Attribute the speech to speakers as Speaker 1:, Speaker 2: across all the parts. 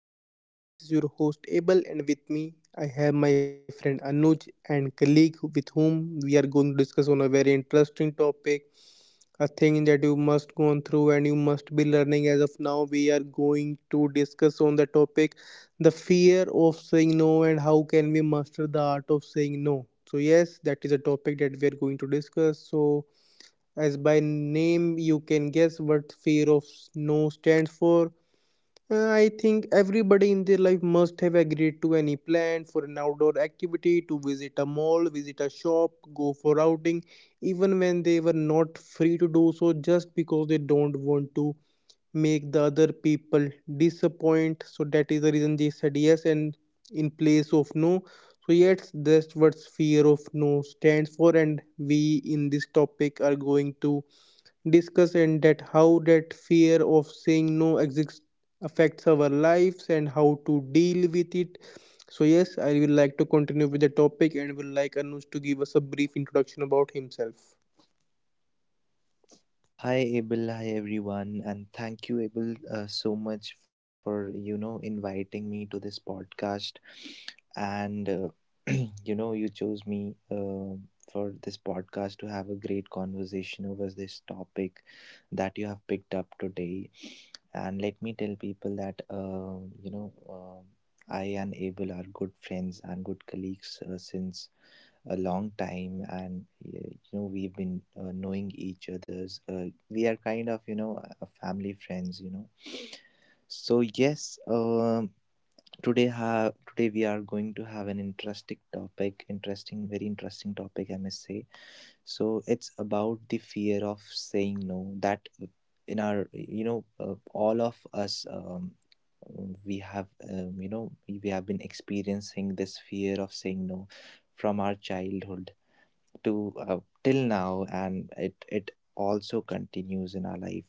Speaker 1: of our podcast. This is your host Abel, and with me, I have my friend Anuj and colleague with whom we are going to discuss on a very interesting topic, a thing that you must go on through and you must be learning. As of now, we are going to discuss on the topic, the fear of saying no, and how can we master the art of saying no. So yes, that is a topic that we are going to discuss. So as by name you can guess what fear of no stands for. I think everybody in their life must have agreed to any plan for an outdoor activity, to visit a mall, visit a shop, go for outing, even when they were not free to do so, just because they don't want to make the other people disappoint. So that is the reason they said yes and in place of no. So yes, that's what fear of no stands for, and we in this topic are going to discuss and that how that fear of saying no exists affects our lives and how to deal with it. So yes, I will like to continue with the topic and will like Anuj to give us a brief introduction about himself,
Speaker 2: Hi Abel, hi everyone, and thank you Abel so much for inviting me to this podcast, and you chose me for this podcast to have a great conversation over this topic that you have picked up today, and let me tell people that I and Abel are good friends and good colleagues since a long time and we've been knowing each other's we are kind of a family friends. So today we are going to have an interesting topic interesting very interesting topic I must say. So it's about the fear of saying no, that in our all of us, we have, we have been experiencing this fear of saying no from our childhood to, till now, and it also continues in our life.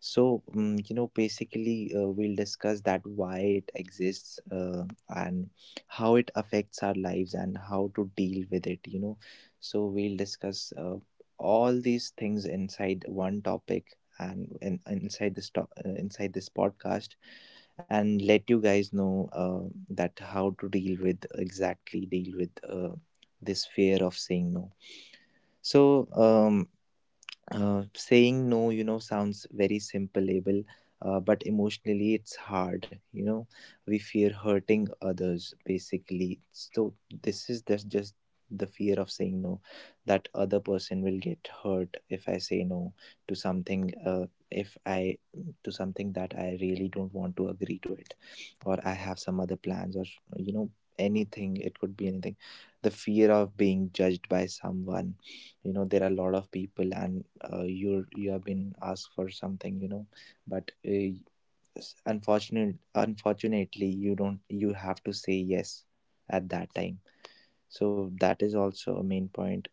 Speaker 2: So basically we'll discuss that why it exists, and how it affects our lives and how to deal with it. So we'll discuss all these things inside one topic and in, inside this to- inside this podcast, and let you guys know that how to deal with, exactly deal with, this fear of saying no. So saying no, you know, sounds very simple, label, but emotionally it's hard. You know, we fear hurting others basically. So this is that's just the fear of saying no, that other person will get hurt if I say no to something. If I, to something that I really don't want to agree to it, or I have some other plans, or you know, anything. It could be anything. The fear of being judged by someone. You know, there are a lot of people, and you have been asked for something, but unfortunately you don't you have to say yes at that time. So that is also a main point.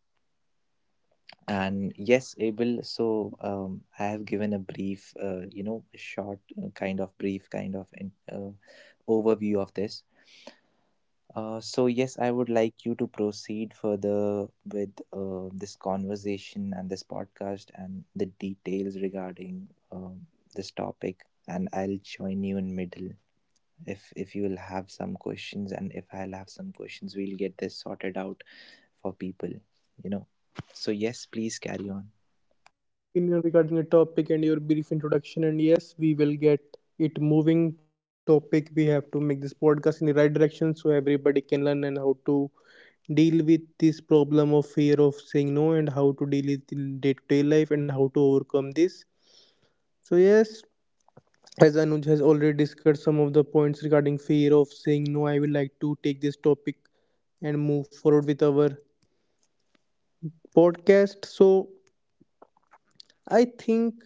Speaker 2: And yes, Abel, so I have given a brief, a short, kind of brief kind of overview of this. So yes, I would like you to proceed further with this conversation and this podcast and the details regarding this topic, and I'll join you in middle if you'll have some questions, and if I'll have some questions, we'll get this sorted out for people, you know. So yes, please carry on.
Speaker 1: opinion regarding the topic and your brief introduction. And yes, we will get it moving topic. We have to make this podcast in the right direction so everybody can learn and how to deal with this problem of fear of saying no and how to deal with in day-to-day life and how to overcome this. So yes, as Anuj has already discussed some of the points regarding fear of saying no, I would like to take this topic and move forward with our podcast. So I think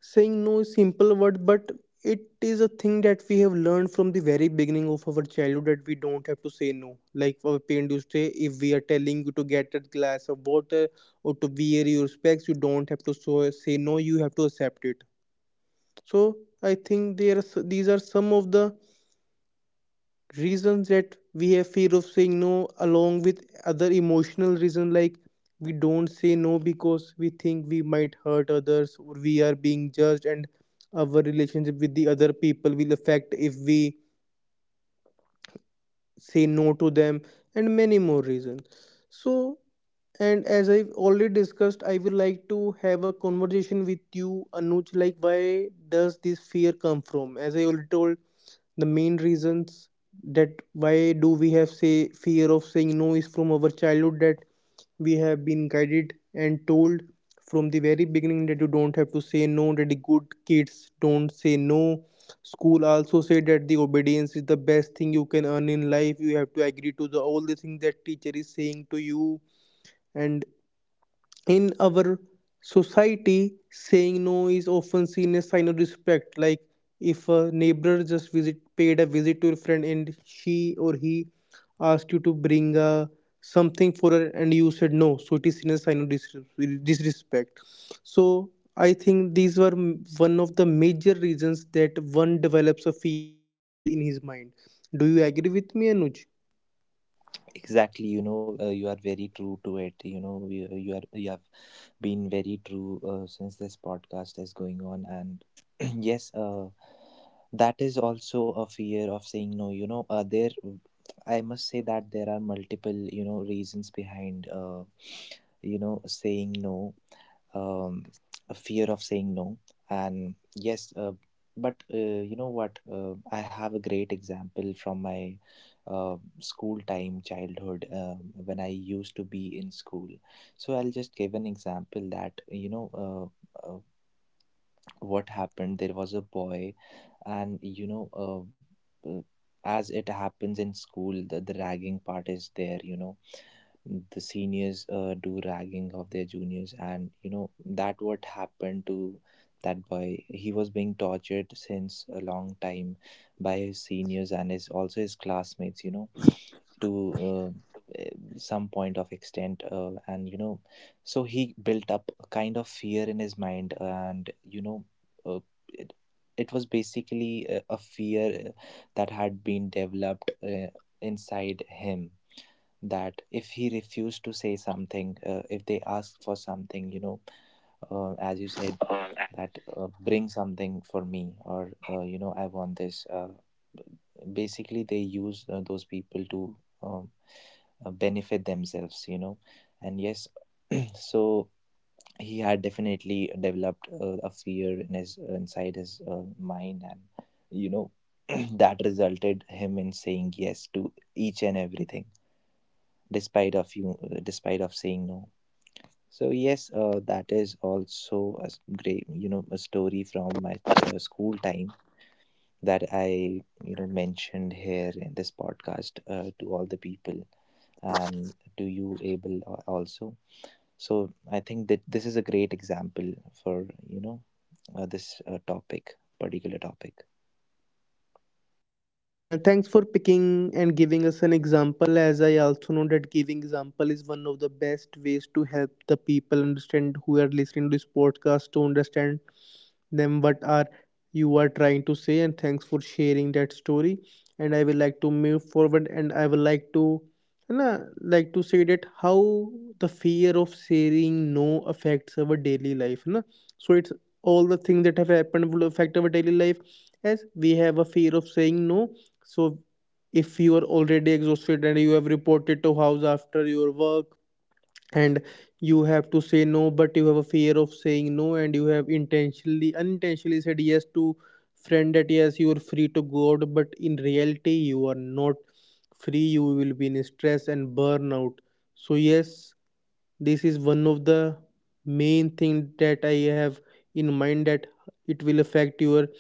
Speaker 1: saying no is simple word, but it is a thing that we have learned from the very beginning of our childhood that we don't have to say no. Like our parents used to say, if we are telling you to get a glass of water or to wear your specs, you don't have to say no. You have to accept it. So I think there are these are some of the reasons that we have fear of saying no along with other emotional reasons like we don't say no because we think we might hurt others or we are being judged, and our relationship with the other people will affect if we say no to them, and many more reasons. So, and as I've already discussed, I would like to have a conversation with you, Anuj. Like, why does this fear come from? As I already told, the main reasons that why do we have say fear of saying no is from our childhood, that we have been guided and told from the very beginning that you don't have to say no, that the good kids don't say no. School also said that the obedience is the best thing you can earn in life. You have to agree to the all the things that teacher is saying to you. And in our society, saying no is often seen as sign of respect. Like if a neighbor just visit paid a visit to your friend and she or he asked you to bring something for her and you said no, so it is seen as sign of disrespect. So I think these were one of the major reasons that one develops a fear of failure in his mind. Do you agree with me, Anuj?
Speaker 2: Exactly, you know, you are very true to it. You know, you have been very true since this podcast is going on. And yes, that is also a fear of saying no. You know, there, I must say that there are multiple, you know, reasons behind, saying no um, a fear of saying no. and yes but You know what, I have a great example from my school time childhood, when I used to be in school. So I'll just give an example that uh, uh, what happened. There was a boy, and as it happens in school, the ragging part is there, you know. The seniors do ragging of their juniors, and you know that what happened to that boy. He was being tortured since a long time by his seniors and his, also his classmates, you know, to some point of extent, and you know, so he built up a kind of fear in his mind. And you know, uh, it, it was basically a fear that had been developed inside him, that if he refused to say something, if they asked for something, you know, as you said, that bring something for me, or you know, I want this. Basically, they use those people to, um, benefit themselves, you know. And yes, so he had definitely developed a fear in his, inside his, mind, and you know, that resulted him in saying yes to each and everything, despite of you despite of saying no. So yes, that is also a great, you know, a story from my school time that I, you know, mentioned here in this podcast to all the people, and to you Abel also. So I think that this is a great example for, you know, this topic particular topic.
Speaker 1: Thanks for picking and giving us an example, as I also know that giving example is one of the best ways to help the people understand who are listening to this podcast, to understand them what are you are trying to say, and thanks for sharing that story. And I will like to move forward and I will like to and I like to say that how the fear of saying no affects our daily life, na? So it's all the things that have happened will affect our daily life as we have a fear of saying no. So if you are already exhausted and you have reported to house after your work, and you have to say no but you have a fear of saying no, and you have intentionally unintentionally said yes to friend that yes you are free to go out, but in reality you are not free, you will be in stress and burnout. So yes, this is one of the main thing that I have in mind, that it will affect your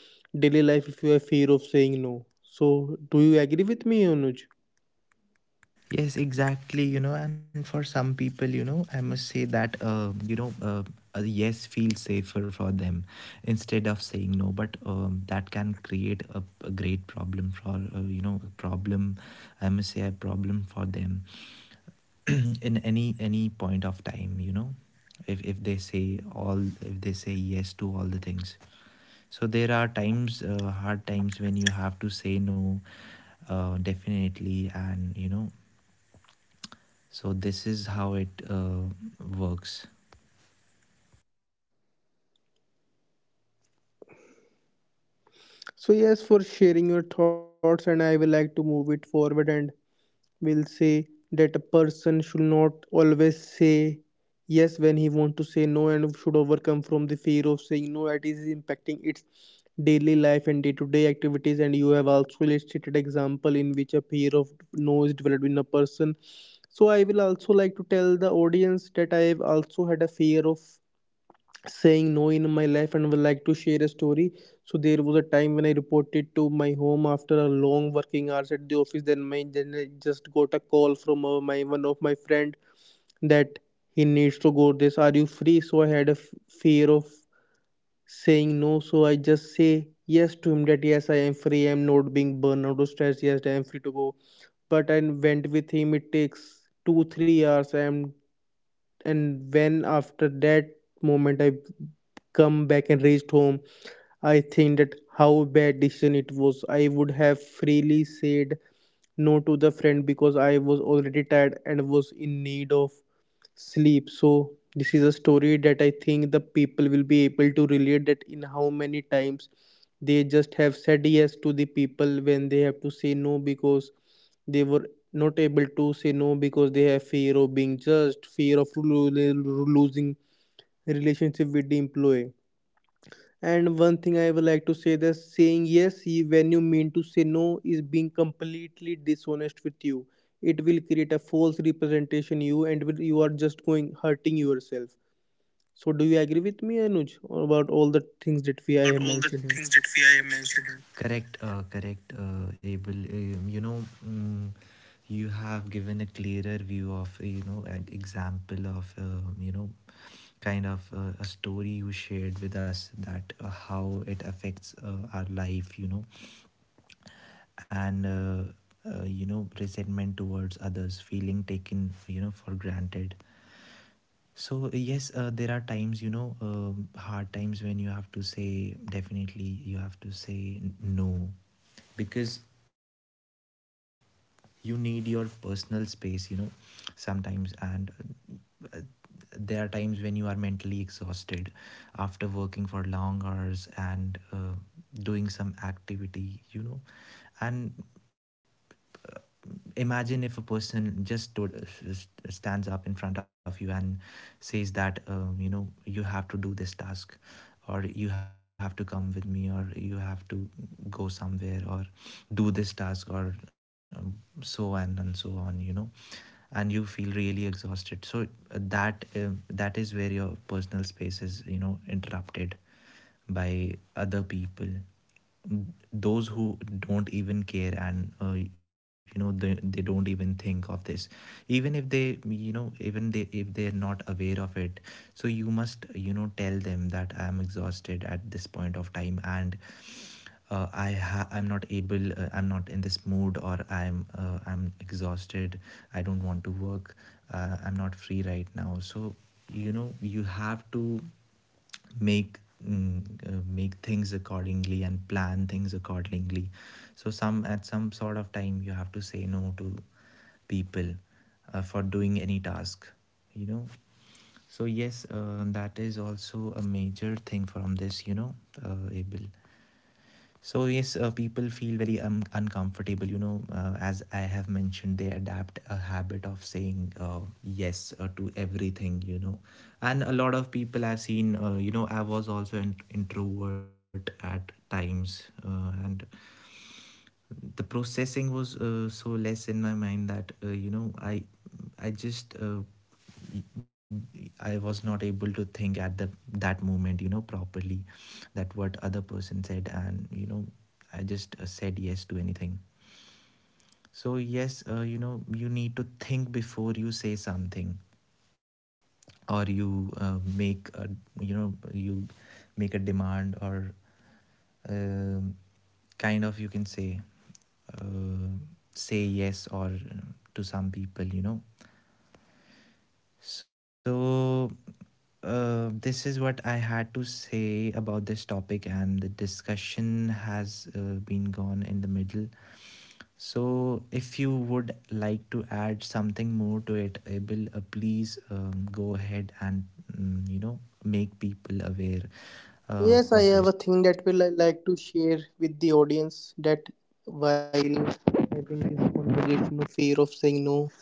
Speaker 1: daily life if you have fear of saying no. So do you agree with me, Anuj?
Speaker 2: Yes, exactly. You know, and for some people, you know, I must say that, a yes feels safer for them instead of saying no. But that can create a great problem for, you know, a problem, I must say, a problem for them in any point of time, you know, if they say all, if they say yes to all the things. So there are times, hard times when you have to say no, definitely, and, you know, so this is how it works.
Speaker 1: So yes, for sharing your thoughts, and I will like to move it forward and will say that a person should not always say yes when he wants to say no and should overcome from the fear of saying no, it is impacting its daily life and day-to-day activities, and you have also illustrated example in which a fear of no is developed in a person. So I will also like to tell the audience that I have also had a fear of saying no in my life and would like to share a story. So there was a time when I reported to my home after a long working hours at the office. Then my then I just got a call from my one of my friend that he needs to go this. Are you free? So I had a fear of saying no. So I just say yes to him that yes I am free. I am not being burned out or stressed. Yes I am free to go. But I went with him. It takes 2-3 hours. I am and when after that moment I come back and reached home, I think that how bad decision it was. I would have freely said no to the friend because I was already tired and was in need of sleep. So this is a story that I think the people will be able to relate, that in how many times they just have said yes to the people when they have to say no, because they were not able to say no because they have fear of being judged, fear of losing relationship with the employee. And one thing I would like to say that saying yes when you mean to say no is being completely dishonest with you. It will create a false representation you and you are just going hurting yourself. So do you agree with me, Anuj, about all the things that we I
Speaker 2: About
Speaker 1: have
Speaker 2: all the
Speaker 1: mentioned here?
Speaker 2: things that we I mentioned. Correct, correct, Abel. You know, mm, you have given a clearer view of, an example of, kind of a story you shared with us, that how it affects our life, you know, and, you know, resentment towards others, feeling taken, you know, for granted. So, yes, there are times, you know, hard times when you have to say, definitely, you have to say no, because you need your personal space, you know, sometimes. And uh, there are times when you are mentally exhausted after working for long hours and doing some activity, you know. And imagine if a person just stood stands up in front of you and says that you know you have to do this task, or you have to come with me, or you have to go somewhere, or do this task, or so on and so on, you know, and you feel really exhausted. So that that is where your personal space is, you know, interrupted by other people, those who don't even care, and you know, they don't even think of this, even if they, you know, even they, if they're not aware of it. So you must, you know, tell them that I am exhausted at this point of time, and I'm not able, I'm not in this mood, or I'm exhausted. I don't want to work. I'm not free right now. So you know you have to make, mm, make things accordingly and plan things accordingly. So some, at some sort of time, you have to say no to people for doing any task, you know. So yes, that is also a major thing from this, you know, able. So yes, people feel very uncomfortable. You know, as I have mentioned, they adapt a habit of saying yes to everything. You know, and a lot of people I've seen. You know, I was also an introvert at times, and the processing was so less in my mind, that I just I was not able to think at the that moment, you know, properly, that what other person said. And you know, I just said yes to anything. So yes, you know, you need to think before you say something, or you make a, you know, you make a demand, or um kind of you can say, uh, say yes, or to some people, you know. So this is what I had to say about this topic, and the discussion has been gone in the middle. So if you would like to add something more to it, Abel, please go ahead and, mm, you know, make people aware uh,
Speaker 1: Yes,
Speaker 2: of
Speaker 1: I have a
Speaker 2: this.
Speaker 1: thing that will I like to share with the audience, that while having this conversation of fear of saying no,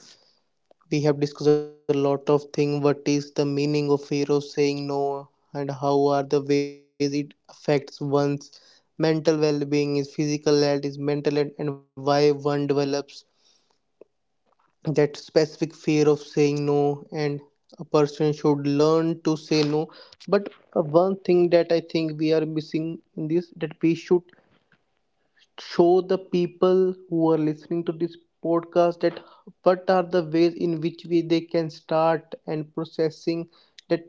Speaker 1: we have discussed a lot of things, what is the meaning of fear of saying no, and how are the ways it affects one's mental well-being, is physical health, is mental health, and why one develops that specific fear of saying no, and a person should learn to say no. But one thing that I think we are missing in this, that we should show the people who are listening to this podcast that what are the ways in which we they can start and processing, that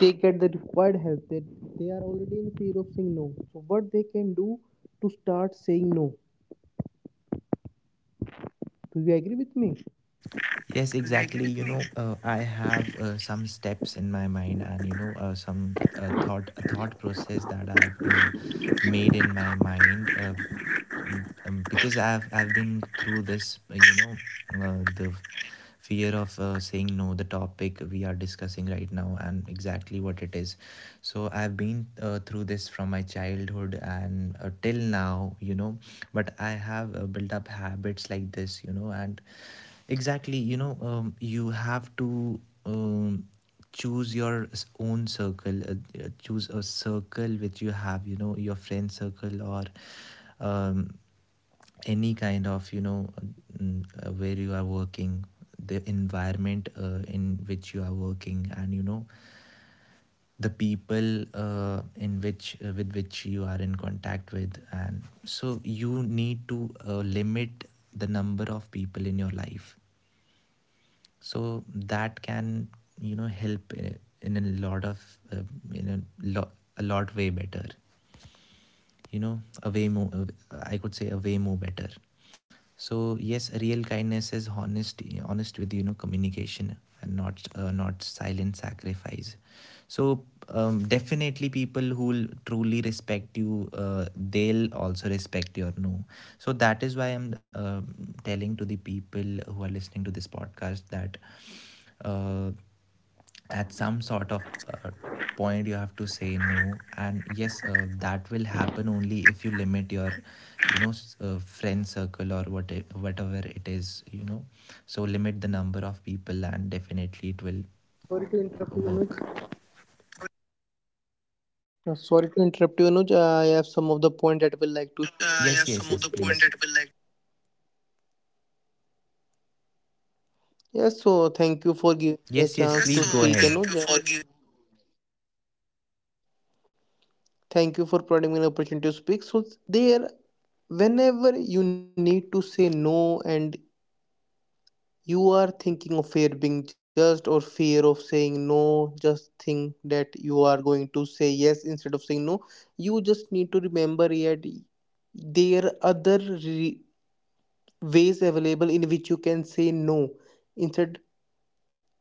Speaker 1: they get the required help, that they are already in fear of saying no, so what they can do to start saying no. Do you agree with me?
Speaker 2: Yes, exactly. You know, I have some steps in my mind, and you know, some thought process that I've made in my mind. Because I've been through this, the fear of saying no, the topic we are discussing right now, and exactly what it is. So I've been through this from my childhood and till now, you know. But I have built up habits like this, you know, and exactly, you know, you have to. Choose your own circle, choose a circle which you have, you know, your friend circle, or um, any kind of, you know, where you are working, the environment in which you are working, and you know, the people in which with which you are in contact with. And so you need to limit the number of people in your life. So that can, you know, help in a lot of, in a lot way better, you know, a way more, I could say, a way more better. So yes, real kindness is honest with, you know, communication, and not not silent sacrifice. So definitely people who will truly respect you, they'll also respect your no. So that is why I'm telling to the people who are listening to this podcast that uh, at some sort of uh, point you have to say no. And yes, that will happen only if you limit your, you know, friend circle, or whatever it is, you know. So limit the number of people, and definitely it will
Speaker 1: Sorry to interrupt you, Anuj.
Speaker 2: work.
Speaker 1: Sorry to interrupt you, Anuj, I have some of the point that I will like to
Speaker 2: Anuj, I have some other
Speaker 1: share.
Speaker 2: point please that will like.
Speaker 1: Yes, so thank you for giving me a chance
Speaker 2: Yes,
Speaker 1: to
Speaker 2: please go
Speaker 1: speak,
Speaker 2: ahead,
Speaker 1: Anuj.
Speaker 2: thank you
Speaker 1: I
Speaker 2: for giving.
Speaker 1: thank you for providing me an opportunity to speak. So there, whenever you need to say no and you are thinking of fear being judged or fear of saying no, just think that you are going to say yes instead of saying no. You just need to remember that there are ways available in which you can say no instead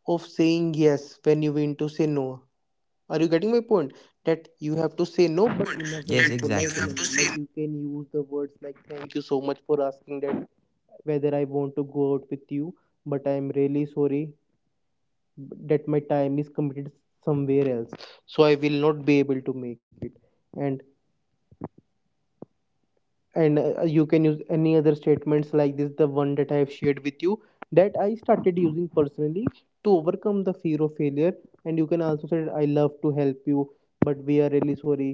Speaker 1: of saying yes when you want to say no. Are you getting my point? That you have to say no, but in a
Speaker 2: Yes,
Speaker 1: very
Speaker 2: that you
Speaker 1: polite
Speaker 2: exactly have
Speaker 1: manner.
Speaker 2: to say
Speaker 1: Like
Speaker 2: no,
Speaker 1: you can use the words like, "Thank you so much for asking that whether I want to go out with you, but I am really sorry that my time is committed somewhere else, so I will not be able to make it." And and you can use any other
Speaker 2: and
Speaker 1: statements like this,
Speaker 2: you
Speaker 1: the
Speaker 2: can.
Speaker 1: one that I have shared with you that I started using personally to overcome the fear of failure. And you can also say, "I love to help you, but we are really sorry.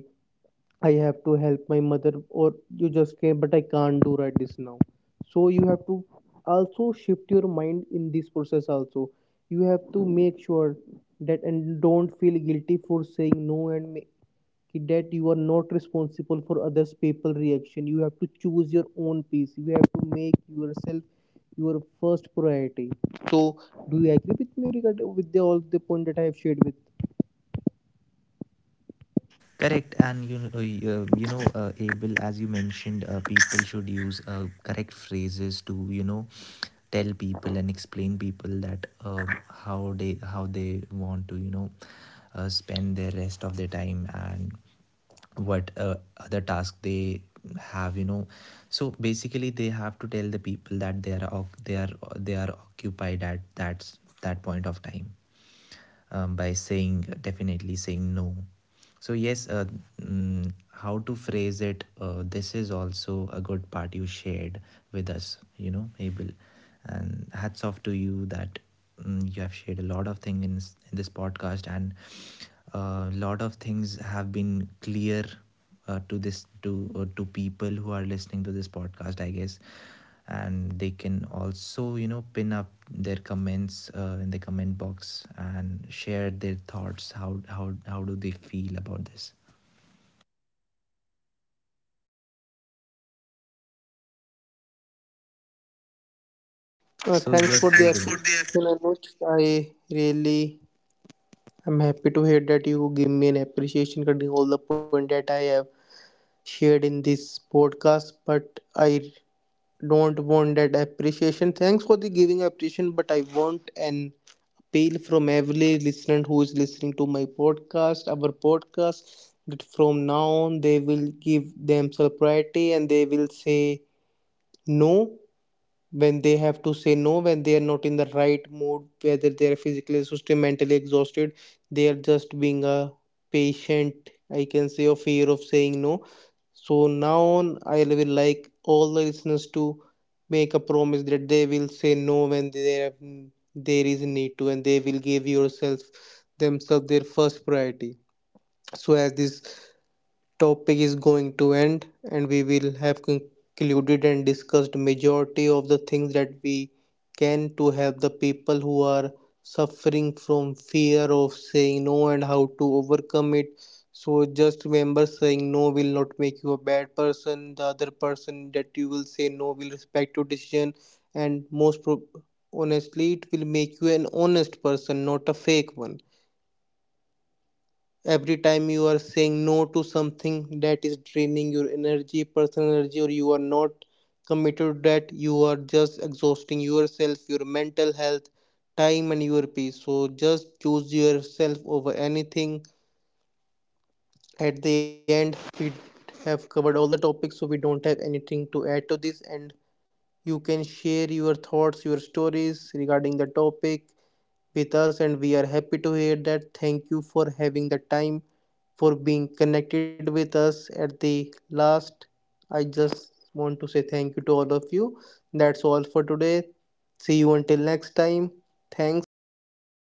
Speaker 1: I have to help my mother," or "you just came, but I can't do right this now." So you have to also shift your mind in this process. Also, you have to make sure that and don't feel guilty for saying no and make, that you are not responsible for others' people reaction. You have to choose your own peace. You have to make yourself your first priority. So, do you agree with me regard with the, all the point that I have shared with?
Speaker 2: Correct, and you know, Abel, as you mentioned, people should use correct phrases to, you know, tell people and explain people that how they want to, you know, spend the rest of their time, and what other task they have, you know. So basically they have to tell the people that they are they are occupied at that point of time, by saying definitely saying no. So yes, how to phrase it, this is also a good part you shared with us, you know, Abel. And hats off to you that, mm, you have shared a lot of things in this podcast, and a lot of things have been clear to this to people who are listening to this podcast, I guess. And they can also, you know, pin up their comments in the comment box and share their thoughts, how do they feel about this. So
Speaker 1: Thanks
Speaker 2: yes,
Speaker 1: for the
Speaker 2: thanks for
Speaker 1: appreciation,
Speaker 2: the
Speaker 1: Anuj. I really I'm happy to hear that you give me an appreciation concerning all the point that I have shared in this podcast, but I don't want that appreciation. Thanks for the giving appreciation, but I want an appeal from every listener who is listening to my podcast, our podcast, that from now on they will give themselves priority and they will say no when they have to say no, when they are not in the right mood, whether they are physically exhausted, mentally exhausted, they are just being a patient I can say or fear of saying no. So now on I will like all the listeners to make a promise that they will say no when there have, there is need to, and they will give yourself themselves their first priority. So as this topic is going to end and we will have concluded and discussed majority of the things that we can to help the people who are suffering from fear of saying no and how to overcome it. So just remember, saying no will not make you a bad person. The other person that you will say no will respect your decision, and most prob honestly it will make you an honest person, not a fake one. Every time you are saying no to something that is draining your energy, personal energy, or you are not committed to that, you are just exhausting yourself, your mental health, time and your peace. So just choose yourself over anything. At the end, we have covered all the topics, so we don't have anything to add to this, and you can share your thoughts, your stories regarding the topic with us, and we are happy to hear that. Thank you for having the time for being connected with us. At the last, I just want to say thank you to all of you. That's all for today. See you until next time. Thanks. Have a great